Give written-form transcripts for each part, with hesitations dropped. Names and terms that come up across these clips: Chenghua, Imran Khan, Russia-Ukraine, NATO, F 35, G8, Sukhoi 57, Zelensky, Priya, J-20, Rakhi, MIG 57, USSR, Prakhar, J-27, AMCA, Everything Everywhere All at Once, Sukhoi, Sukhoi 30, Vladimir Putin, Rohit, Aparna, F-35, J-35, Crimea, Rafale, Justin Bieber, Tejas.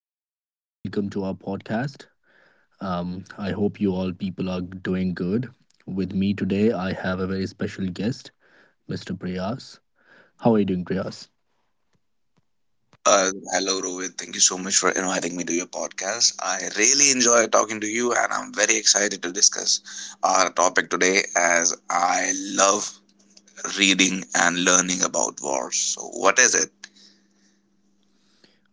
everyone. Welcome to our podcast. I hope you all people are doing good. With me today, I have a very special guest, Mr. Priyas. How are you doing, Priyas? Hello, Rohit. Thank you so much for inviting me to your podcast. I really enjoy talking to you, and I'm very excited to discuss our topic today, as I love reading and learning about wars. So, what is it?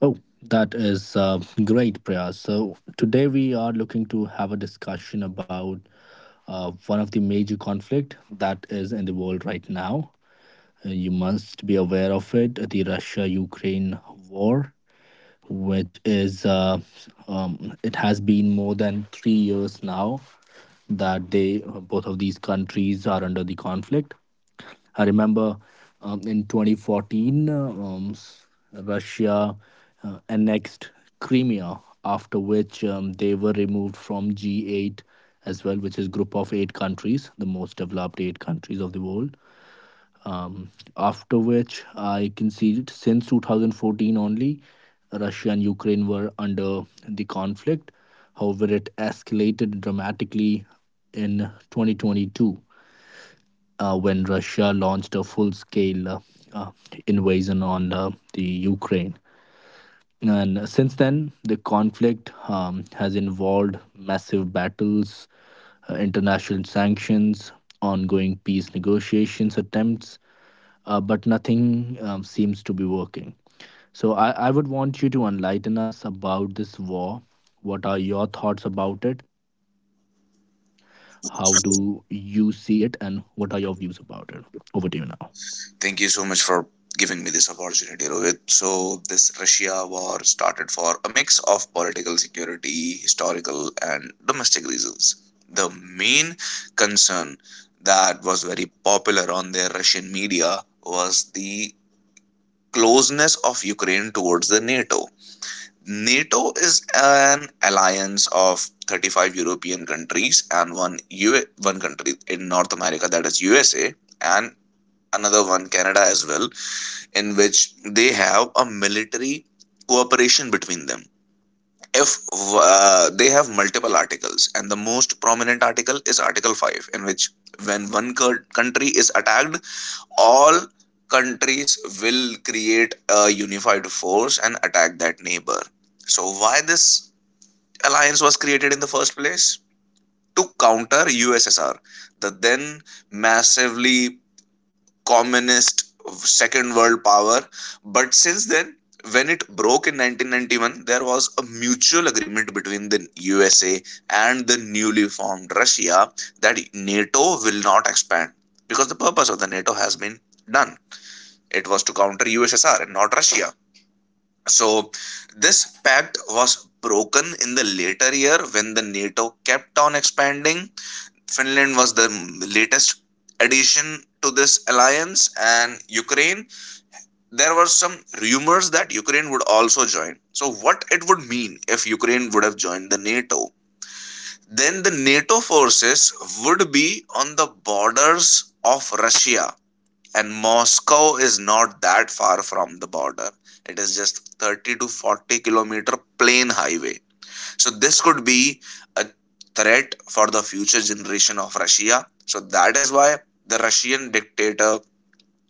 Oh, that is great, Priyas. So, today we are looking to have a discussion about one of the major conflict that is in the world right now. You must be aware of it, the Russia-Ukraine war. Which is It has been more than 3 years now that they both of these countries are under the conflict. I remember in 2014, Russia annexed Crimea, after which they were removed from G8 as well, which is group of eight countries, the most developed eight countries of the world. um, After which I can see it since 2014 only, Russia and Ukraine were under the conflict. However, it escalated dramatically in 2022 when Russia launched a full scale uh, invasion on the Ukraine. And since then, the conflict has involved massive battles, international sanctions, ongoing peace negotiations attempts, but nothing seems to be working. So I would want you to enlighten us about this war. What are your thoughts about it? How do you see it? And what are your views about it? Over to you now. Thank you so much for giving me this opportunity, Rohit. So, this Russia war started for a mix of political, security, historical, and domestic reasons. The main concern that was very popular on the Russian media was the closeness of Ukraine towards the NATO. NATO is an alliance of 35 European countries and one country in North America, that is USA, and another one Canada as well, in which they have a military cooperation between them. If They have multiple articles, and the most prominent article is article 5, in which when one country is attacked, all countries will create a unified force and attack that neighbor. So, why this alliance was created in the first place? To counter USSR, the then massively communist second world power. But since then, when it broke in 1991, there was a mutual agreement between the USA and the newly formed Russia that NATO will not expand, because the purpose of the NATO has been done. It was to counter USSR and not Russia. So this pact was broken in the later year, when the NATO kept on expanding. Finland was the latest addition to this alliance, and Ukraine, there were some rumors that Ukraine would also join. So what it would mean if Ukraine would have joined the NATO? Then the NATO forces would be on the borders of Russia, and Moscow is not that far from the border. It is just 30 to 40 kilometer plain highway. So this could be a threat for the future generation of Russia. So that is why the Russian dictator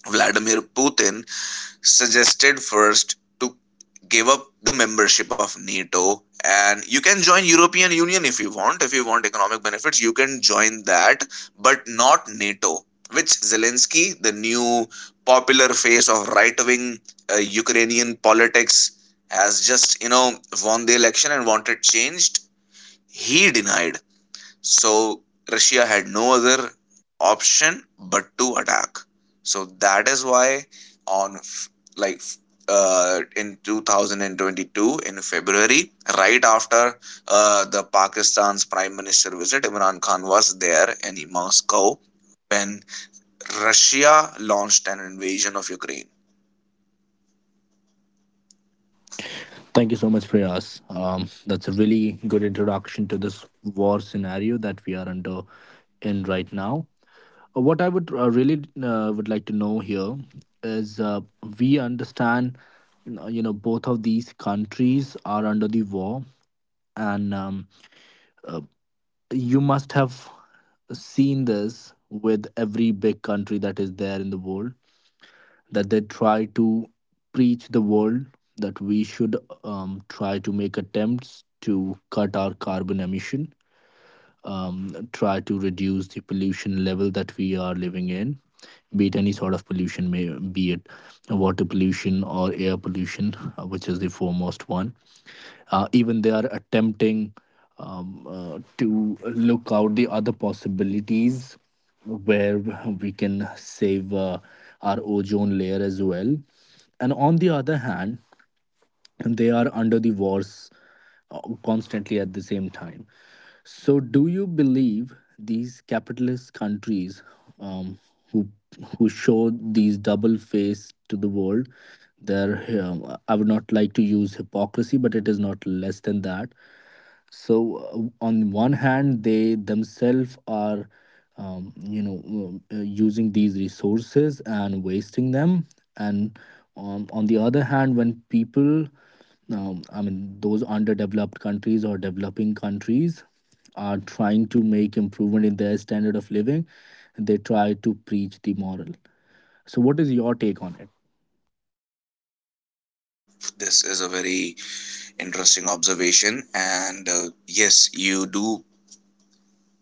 Vladimir Putin suggested first to give up the membership of NATO, and you can join European Union if you want. If you want economic benefits, you can join that, but not NATO. Which Zelensky, the new popular face of right wing Ukrainian politics, has just won the election and wanted changed, he denied. So Russia had no other option but to attack. So that is why on f- like f- in 2022 in February, right after the Pakistan's Prime Minister visit, Imran Khan was there in Moscow, when Russia launched an invasion of Ukraine. Thank you so much, Priyas. That's a really good introduction to this war scenario that we are under in right now. What I would really would like to know here is we understand you know both of these countries are under the war and uh, you must have seen this with every big country that is there in the world that they try to preach the world that we should try to make attempts to cut our carbon emission, um, try to reduce the pollution level that we are living in, be it any sort of pollution, may, be it water pollution or air pollution, which is the foremost one. Even they are attempting to look out the other possibilities where we can save our ozone layer as well. And on the other hand, they are under the wars constantly at the same time. So, do you believe these capitalist countries, um, who who show these double face to the world? They're, I would not like to use hypocrisy, but it is not less than that. So on one hand they themselves are, you know, using these resources and wasting them, and on the other hand when people, I mean those underdeveloped countries or developing countries, are trying to make improvement in their standard of living, they try to preach the moral. So what is your take on it? This is a very interesting observation, and yes, you do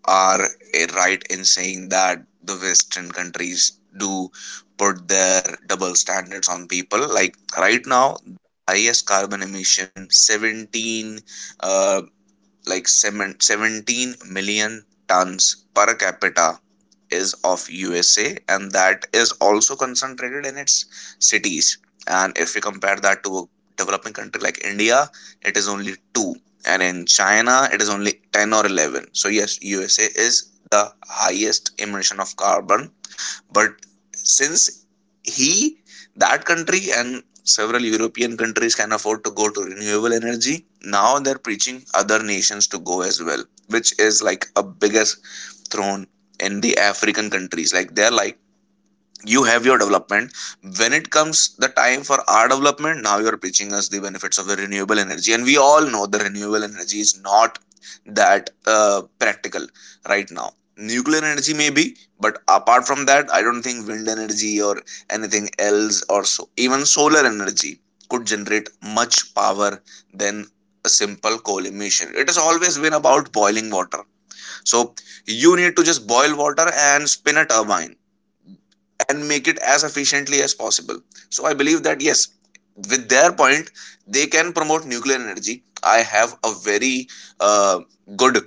are right in saying that the western countries do put their double standards on people. Like right now, highest carbon emission, 17 uh, like seven- 17 million tons per capita, is of USA, and that is also concentrated in its cities. And if we compare that to a developing country like India, it is only 2, and in China it is only 10 or 11. So yes, USA is the highest emission of carbon, but since he that country and several european countries can afford to go to renewable energy, now they're preaching other nations to go as well, which is like a biggest thrown in the african countries. Like, they're like, you have your development; when it comes the time for our development, now you are preaching us the benefits of the renewable energy. And we all know the renewable energy is not that practical right now. Nuclear energy may be, but apart from that, I don't think wind energy or anything else, or so, even solar energy, could generate much power than a simple coal emission. It has always been about boiling water. So you need to just boil water and spin a turbine and make it as efficiently as possible. So I believe that, yes, with their point, they can promote nuclear energy. I have a very uh, good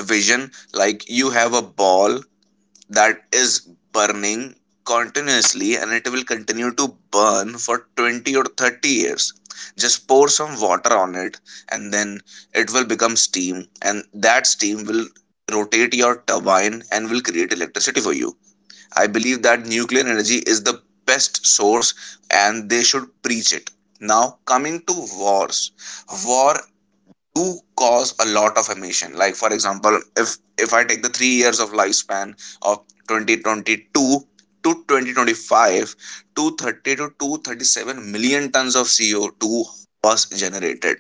vision. Like, you have a ball that is burning continuously, and it will continue to burn for 20 or 30 years. Just pour some water on it, and then it will become steam, and that steam will rotate your turbine and will create electricity for you. I believe that nuclear energy is the best source, and they should preach it. Now, coming to wars, war do cause a lot of emission. Like for example, if I take the 3 years of lifespan of 2022 to 2025, 230 to 237 million tons of CO2 was generated.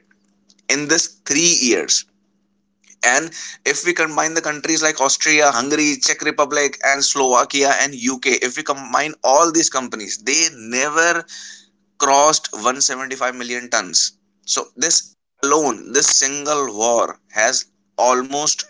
In this 3 years, and if we combine the countries like Austria, Hungary, Czech Republic, and Slovakia and UK, if we combine all these companies, they never crossed 175 million tons. So, this alone, this single war has almost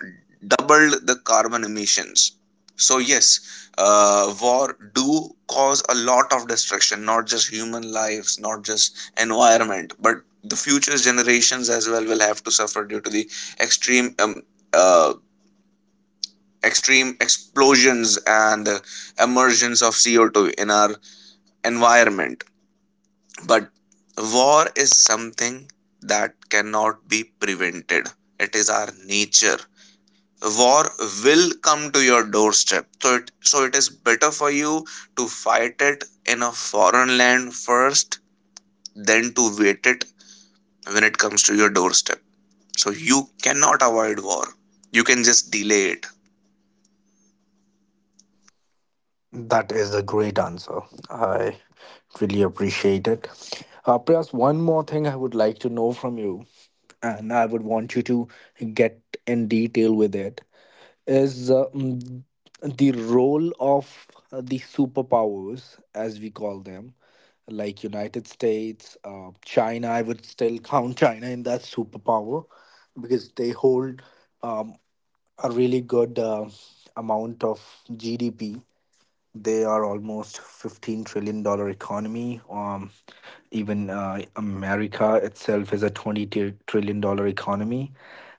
doubled the carbon emissions. So, yes, war do cause a lot of destruction, not just human lives, not just environment, but the future generations as well will have to suffer due to the extreme um, uh, extreme explosions and emergence of CO2 in our environment. But war is something that cannot be prevented. It is our nature. War will come to your doorstep. So it is better for you to fight it in a foreign land first than to wait it when it comes to your doorstep. So you cannot avoid war. You can just delay it. That is a great answer. I really appreciate it. Prayas, one more thing I would like to know from you, and I would want you to get in detail with it, is the role of the superpowers, as we call them, like United States, China. I would still count China in that superpower because they hold um, a really good amount of GDP. They are almost $15 trillion economy. Even America itself is a 20 trillion dollar economy.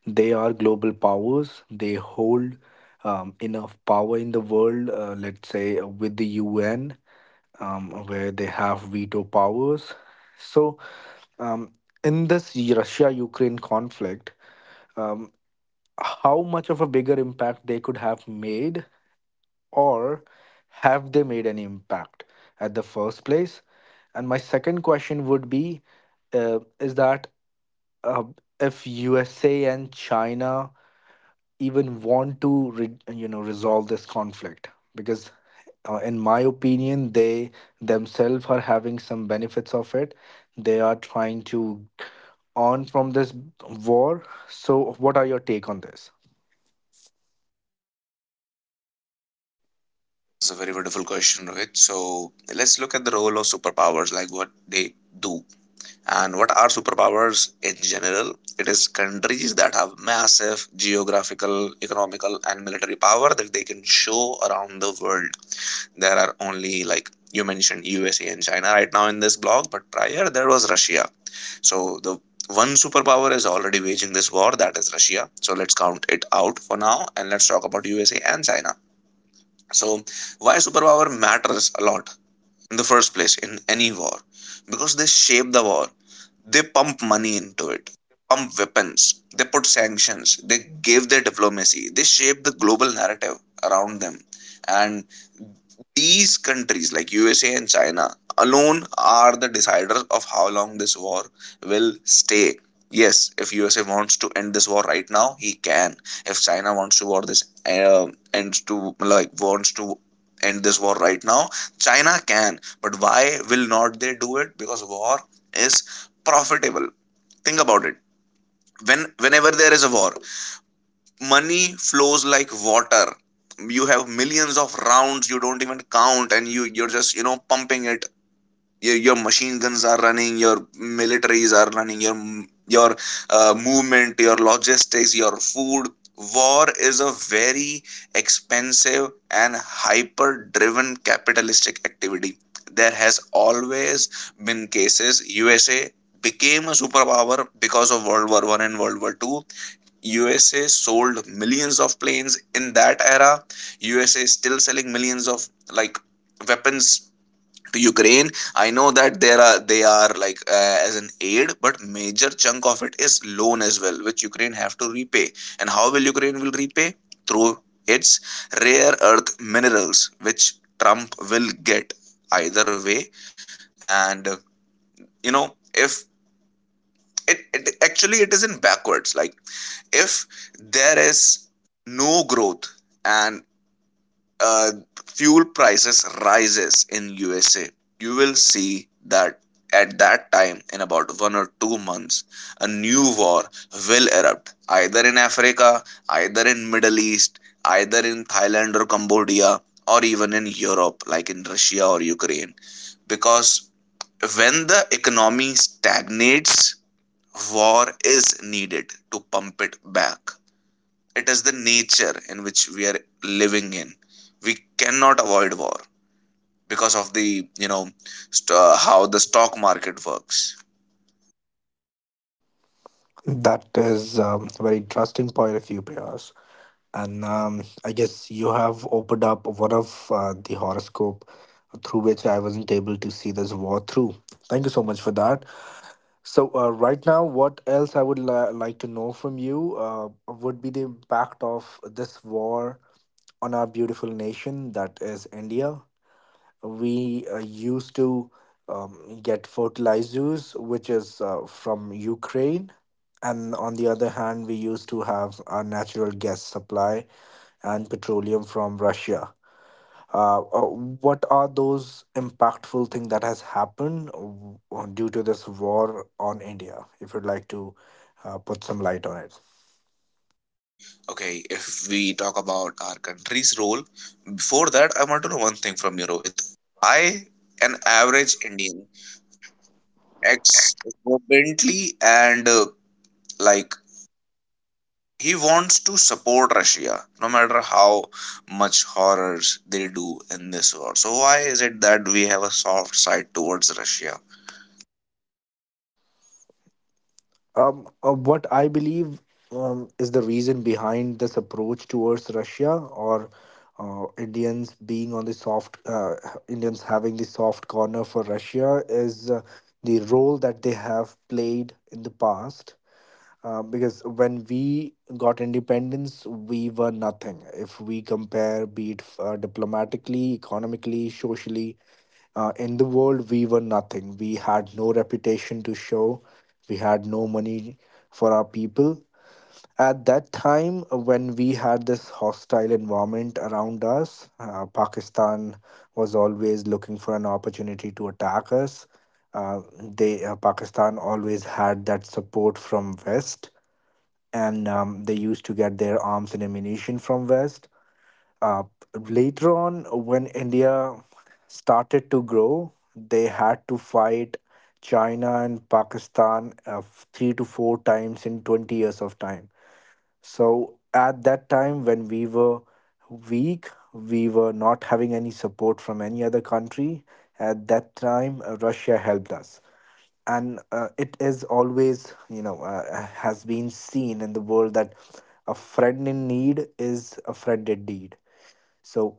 They are global powers. They hold enough power in the world, let's say with the UN, where they have veto powers. So, um, in this Russia Ukraine conflict, um, how much of a bigger impact they could have made, or have they made an impact at the first place? And my second question would be is that, uh, if USA and China even want to you know resolve this conflict, because in my opinion they themselves are having some benefits of it. They are trying to earn from this war. So what are your take on this? It's a very wonderful question, Rohit. So let's look at the role of superpowers, like what they do. And what are superpowers in general? It is countries that have massive geographical, economical, and military power that they can show around the world. There are only, like you mentioned, USA and China right now in this blog, but prior there was Russia. So the one superpower is already waging this war, that is Russia. So let's count it out for now and let's talk about USA and China. So why superpower matters a lot in the first place in any war? Because they shape the war, they pump money into it, pump weapons, they put sanctions, they gave their diplomacy, they shaped the global narrative around them. And these countries like USA and China alone are the deciders of how long this war will stay. Yes, if USA wants to end this war right now, he can. If china wants to war this uh, ends to like wants to end this war right now, china can. But why will not they do it? Because war is profitable. Think about it. Whenever there is a war, money flows like water. You have millions of rounds you don't even count, and you're just pumping it. Your machine guns are running, your militaries are running, your movement, your logistics, your food. War is a very expensive and hyper driven capitalistic activity. There has always been cases. USA became a superpower because of world war 1 and world war 2. USA sold millions of planes in that era. USA is still selling millions of, like, weapons to Ukraine. I know that there are, they are like, as an aid, but major chunk of it is loan as well, which Ukraine have to repay. And how will Ukraine will repay? Through its rare earth minerals, which Trump will get either way. And if it actually, it isn't backwards. Like, if there is no growth, and uh, fuel prices rises in USA, you will see that at that time, in about 1 or 2 months, a new war will erupt, either in africa, either in middle east, either in thailand or cambodia, or even in europe, like in russia or ukraine. Because when the economy stagnates, war is needed to pump it back. It is the nature in which we are living in. We cannot avoid war because of the, you know how the stock market works. That is a very interesting point of view, Priyas. And I guess you have opened up one of the horoscope through which I wasn't able to see this war through. Thank you so much for that. So right now, what else I would like to know from you would be the impact of this war on our beautiful nation that is India. We used to get fertilizers, which is from Ukraine. And on the other hand, we used to have our natural gas supply and petroleum from Russia. Uh, uh, what are those impactful things that has happened due to this war on India? If you'd like to put some light on it. Okay. If we talk about our country's role, before that, I want to know one thing from you, Rohit. I, an average indian ex Bentley, and like, he wants to support russia, no matter how much horrors they do in this war. So why is it that we have a soft side towards russia? What I believe is the reason behind this approach towards Russia, or Indians being on the soft, Indians having the soft corner for Russia is the role that they have played in the past. Because when we got independence, we were nothing. If we compare, be it diplomatically, economically, socially, in the world, we were nothing. We had no reputation to show. We had no money for our people. At that time, when we had this hostile environment around us, Pakistan was always looking for an opportunity to attack us. They, Pakistan always had that support from West, and they used to get their arms and ammunition from West. uh, Later on when India started to grow, they had to fight China and Pakistan three to four times in 20 years of time. So at that time when we were weak, we were not having any support from any other country. At that time Russia helped us, and it is always, has been seen in the world that a friend in need is a friend indeed. So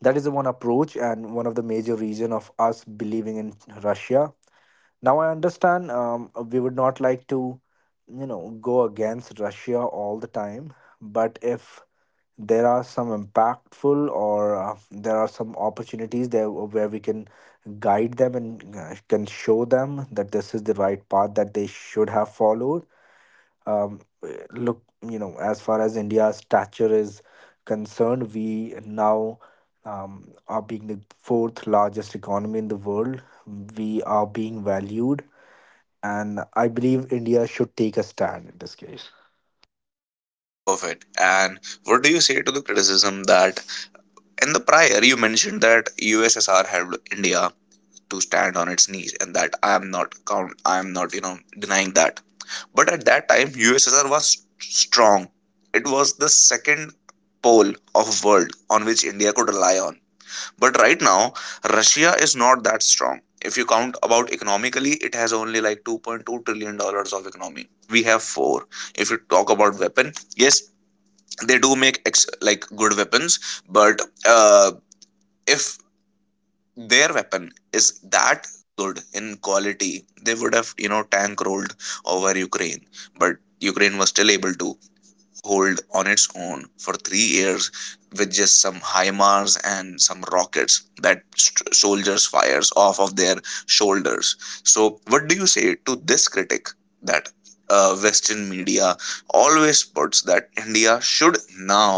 that is the one approach and one of the major reason of us believing in Russia. Now I understand, we would not like to you know go against Russia all the time, but if there are some impactful, or there are some opportunities there where we can guide them, and can show them that this is the right path that they should have followed. um, Look, you know, as far as India's stature is concerned, we now are being the fourth largest economy in the world, we are being valued, and I believe India should take a stand in this case. Perfect. And what do you say to the criticism that, in the prior, you mentioned that USSR helped India to stand on its knees, and that I am not denying that. But at that time USSR was strong. It was the second pole of world on which India could rely on. But right now Russia is not that strong. If you count about economically, it has only like $2.2 trillion of economy. We have four. If you talk about weapon, yes, they do make good weapons but if their weapon is that good in quality, they would have tank rolled over Ukraine. But Ukraine was still able to hold on its own for 3 years with just some HIMARS and some rockets that soldiers fires off of their shoulders. So what do you say to this critic that Western media always puts that India should now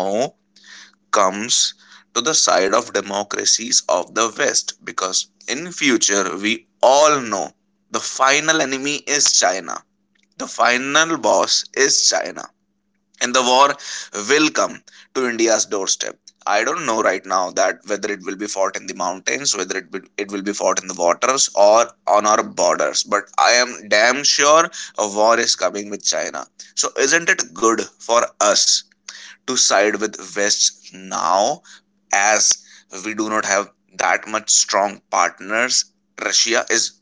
comes to the side of democracies of the West? Because in future, we all know the final enemy is China. The final boss is China, and the war will come to India's doorstep. I don't know right now that whether it will be fought in the mountains, whether it will be fought in the waters or on our borders, but I am damn sure a war is coming with China. So isn't it good for us to side with West now, as we do not have that much strong partners? Russia is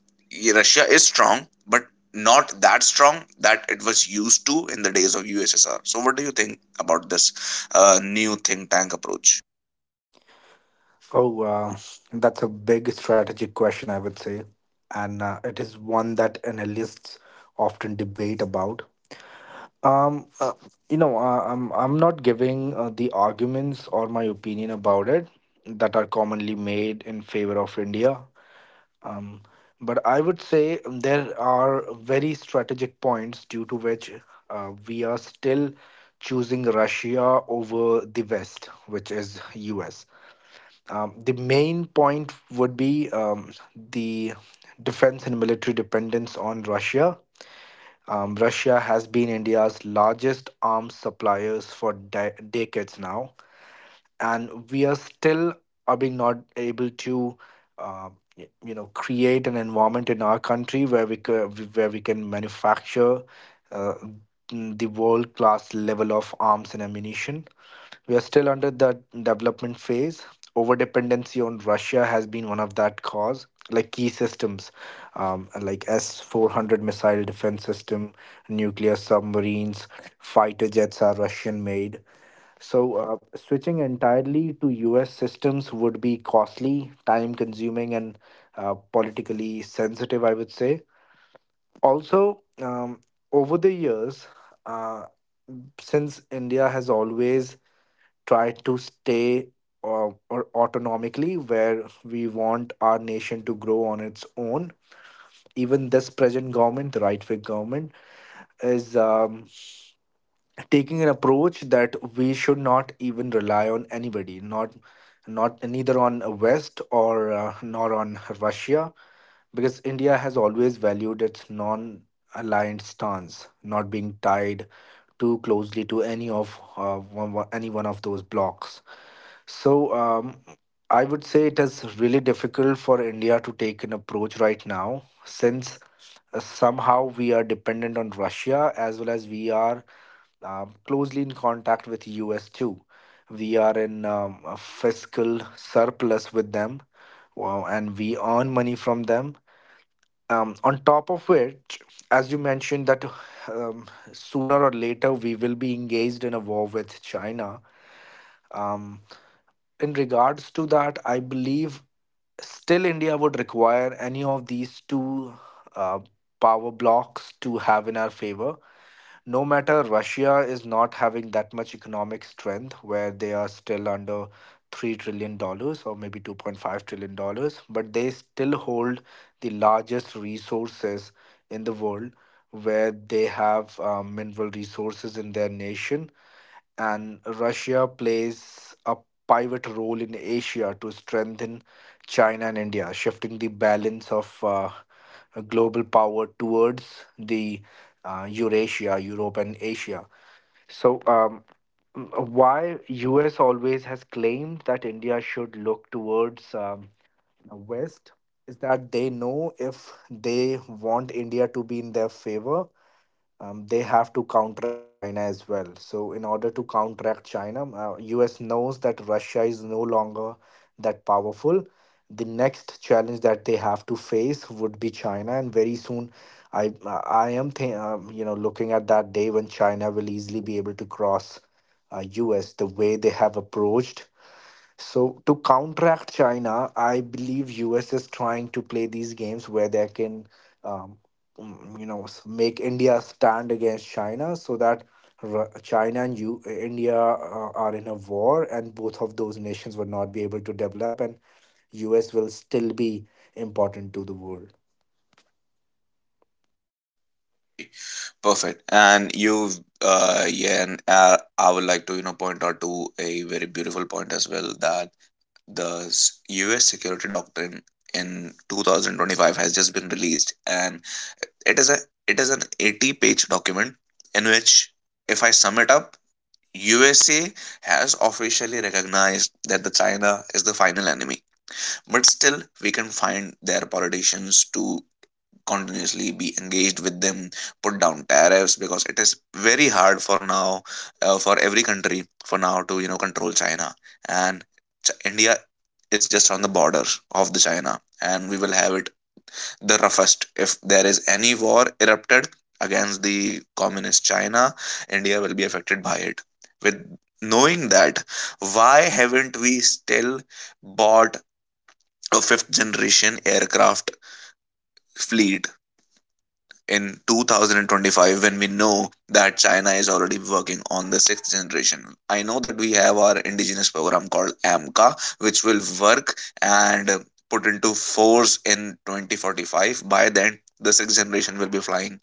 Russia is strong, but not that strong that it was used to in the days of USSR. So, what do you think about this new think tank approach? Oh that's a big strategic question, I would say, and it is one that analysts often debate about. Um, uh, you know, I'm not giving the arguments or my opinion about it that are commonly made in favor of India. Um, but I would say there are very strategic points due to which we are still choosing Russia over the West, which is US. The main point would be the defense and military dependence on Russia. Russia has been India's largest arms suppliers for decades now, and we are still are being not able to, uh, you know, create an environment in our country where we where we can manufacture uh, the world class level of arms and ammunition. We are still under that development phase. Overdependency on Russia has been one of that cause. Like key systems, like S-400 missile defense system, nuclear submarines, fighter jets are Russian made. So switching entirely to U.S. systems would be costly, time consuming, and politically sensitive, I would say. Also, over the years, uh, since India has always try to stay or autonomically where we want our nation to grow on its own, even this present government, the right wing government, is taking an approach that we should not even rely on anybody, not neither on west or nor on Russia, because India has always valued its non aligned stance, not being tied too closely to any of any one of those blocks. So I would say it is really difficult for India to take an approach right now, since somehow we are dependent on Russia as well as we are closely in contact with US too. We are in a fiscal surplus with them, wow, and we earn money from them, on top of which, as you mentioned that, um, sooner or later we will be engaged in a war with China. Um, in regards to that, I believe still India would require any of these two uh, power blocks to have in our favor. No matter, Russia is not having that much economic strength, where they are still under $3 trillion or maybe $2.5 trillion, but they still hold the largest resources in the world, where they have mineral resources in their nation. And Russia plays a pivot role in Asia to strengthen China and India, shifting the balance of global power towards the Eurasia, Europe, and Asia. So, m- why US always has claimed that India should look towards West is that they know, if they want India to be in their favor, they have to counteract China as well. So, in order to counteract China, US knows that Russia is no longer that powerful. The next challenge that they have to face would be China, and very soon, I I am looking at that day when China will easily be able to cross US the way they have approached. So to counteract China, I believe US is trying to play these games where they can, um, make India stand against China, so that China and India are in a war, and both of those nations will not be able to develop, and US will still be important to the world. Perfect. And you've yeah, and I would like to point out to a very beautiful point as well that the U.S. security doctrine in 2025 has just been released, and It is a it is an 80-page document in which, if I sum it up, USA has officially recognized that the China is the final enemy. But still we can find their politicians to continuously be engaged with them, put down tariffs, because it is very hard for now, for every country for now to control China. And India is just on the border of the China, and we will have it the roughest. If there is any war erupted against the communist China, India will be affected by it. With knowing that, why haven't we still bought a fifth generation aircraft fleet in 2025, when we know that China is already working on the sixth generation? I know that we have our indigenous program called AMCA, which will work and put into force in 2045. By then, the sixth generation will be flying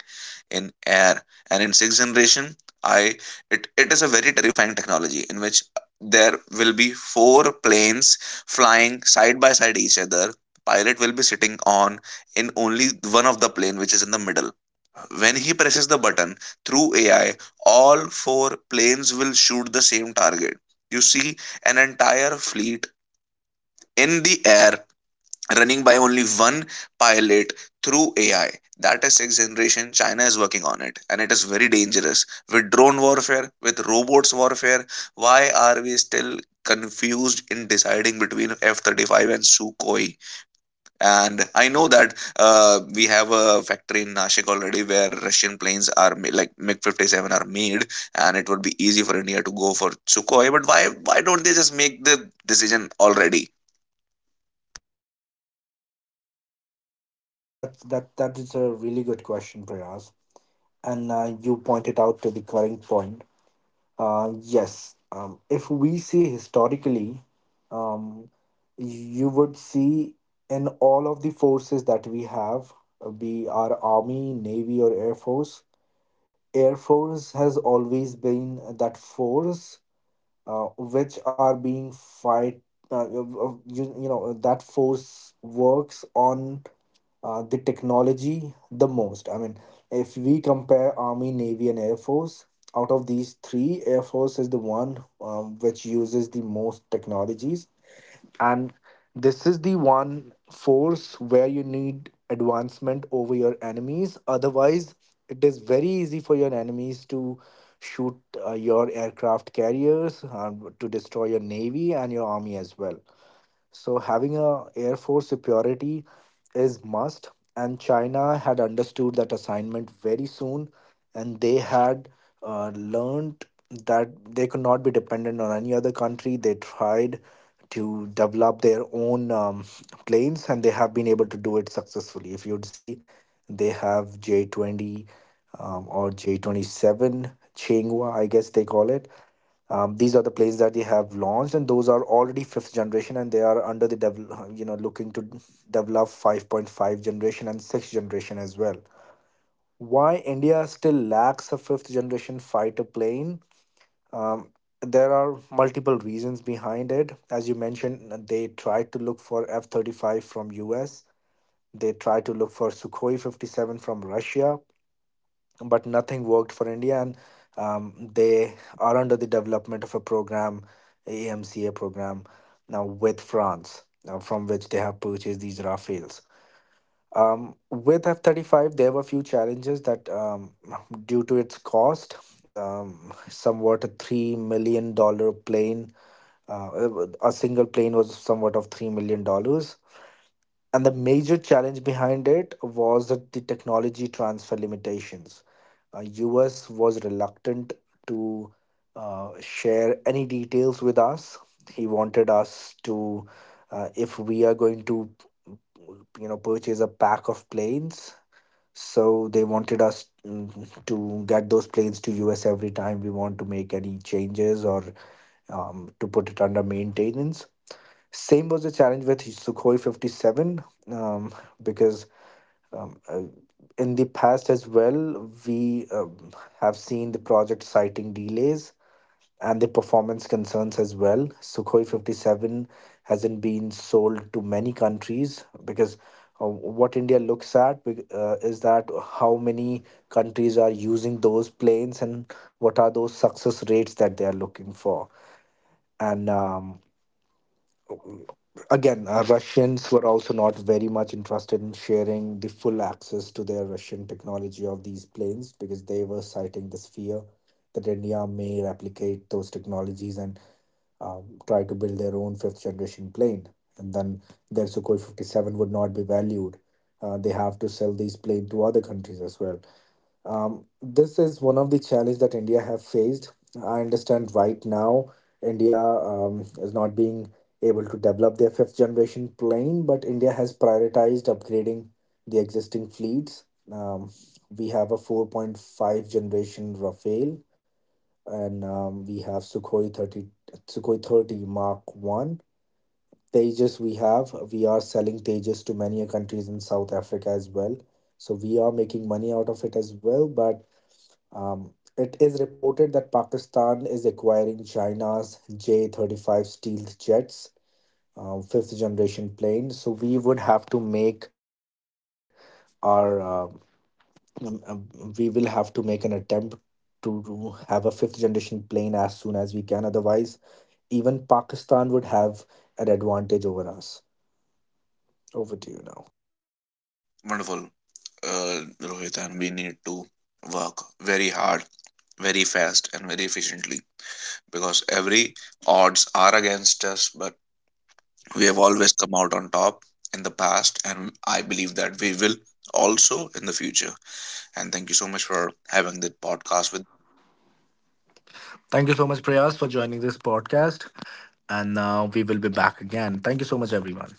in air, and in sixth generation, I it is a very terrifying technology, in which there will be four planes flying side by side each other. Pilot will be sitting on in only one of the plane, which is in the middle. When he presses the button through AI, all four planes will shoot the same target. You see an entire fleet in the air running by only one pilot through AI. That is sixth generation. China is working on it, and it is very dangerous. With drone warfare, with robots warfare, why are we still confused in deciding between F 35 and Sukhoi? And I know that we have a factory in Nashik already where Russian planes are MiG 57 are made, and it would be easy for India to go for Sukhoi. But why, don't they just make the decision already? That is a really good question, Prayas, and you pointed out to the current point. Yes. If we see historically, um, you would see, in all of the forces that we have, be our army, navy, or air force has always been that force which are being fight. That force works on the technology the most. I mean, if we compare Army, Navy, and Air Force, out of these three, Air Force is the one which uses the most technologies. And this is the one force where you need advancement over your enemies. Otherwise, it is very easy for your enemies to shoot your aircraft carriers, to destroy your navy and your army as well. So having a air force superiority is must, and China had understood that assignment very soon, and they had learned that they could not be dependent on any other country. They tried to develop their own planes, and they have been able to do it successfully. If you'd see, they have J 20, or J 27 Chenghua, I guess they call it. These are the plays that they have launched, and those are already fifth generation, and they are under the devel- you know looking to develop 5.5 generation and sixth generation as well. Why India still lacks a fifth generation fighter plane? Um, there are multiple reasons behind it, as you mentioned. They tried to look for F-35 from US. They tried to look for Sukhoi 57 from Russia, but nothing worked for India, and they are under the development of a program, AMCA program, now with France, now from which they have purchased these Rafales. With F-35, there were a few challenges that, due to its cost, somewhat a $3 million plane. uh, a single plane was somewhat of $3 million. And the major challenge behind it was that the technology transfer limitations. US was reluctant to share any details with us. He wanted us to, if we are going to, purchase a pack of planes. So they wanted us, to get those planes to US every time we want to make any changes, or to put it under maintenance. Same was the challenge with Sukhoi 57, um, because um, uh, in the past as well, we have seen the project citing delays and the performance concerns as well. Sukhoi 57 hasn't been sold to many countries, because what India looks at, is that how many countries are using those planes and what are those success rates that they are looking for. And again, Russians were also not very much interested in sharing the full access to their Russian technology of these planes, because they were citing this fear that India may replicate those technologies and try to build their own fifth generation plane. And then their Sukhoi 57 would not be valued. They have to sell these planes to other countries as well. This is one of the challenge that India have faced. I understand right now India is not being able to develop their fifth generation plane, but India has prioritized upgrading the existing fleets. Um, we have a 4.5 generation Rafale, and we have Sukhoi 30, Sukhoi 30 Mark 1. Tejas we have. We are selling Tejas to many countries in South Africa as well. So we are making money out of it as well, but it is reported that Pakistan is acquiring China's J-35 stealth jets, fifth generation plane. So we would have to make our we will have to make an attempt to have a fifth generation plane as soon as we can. Otherwise, even Pakistan would have an advantage over us. Over to you now. Wonderful, uh, Rohit, and we need to work very hard, very fast, and very efficiently, because every odds are against us, but we have always come out on top in the past, and I believe that we will also in the future. And thank you so much for having the podcast with Thank you so much, Prayas, for joining this podcast. And now we will be back again. Thank you so much, everyone.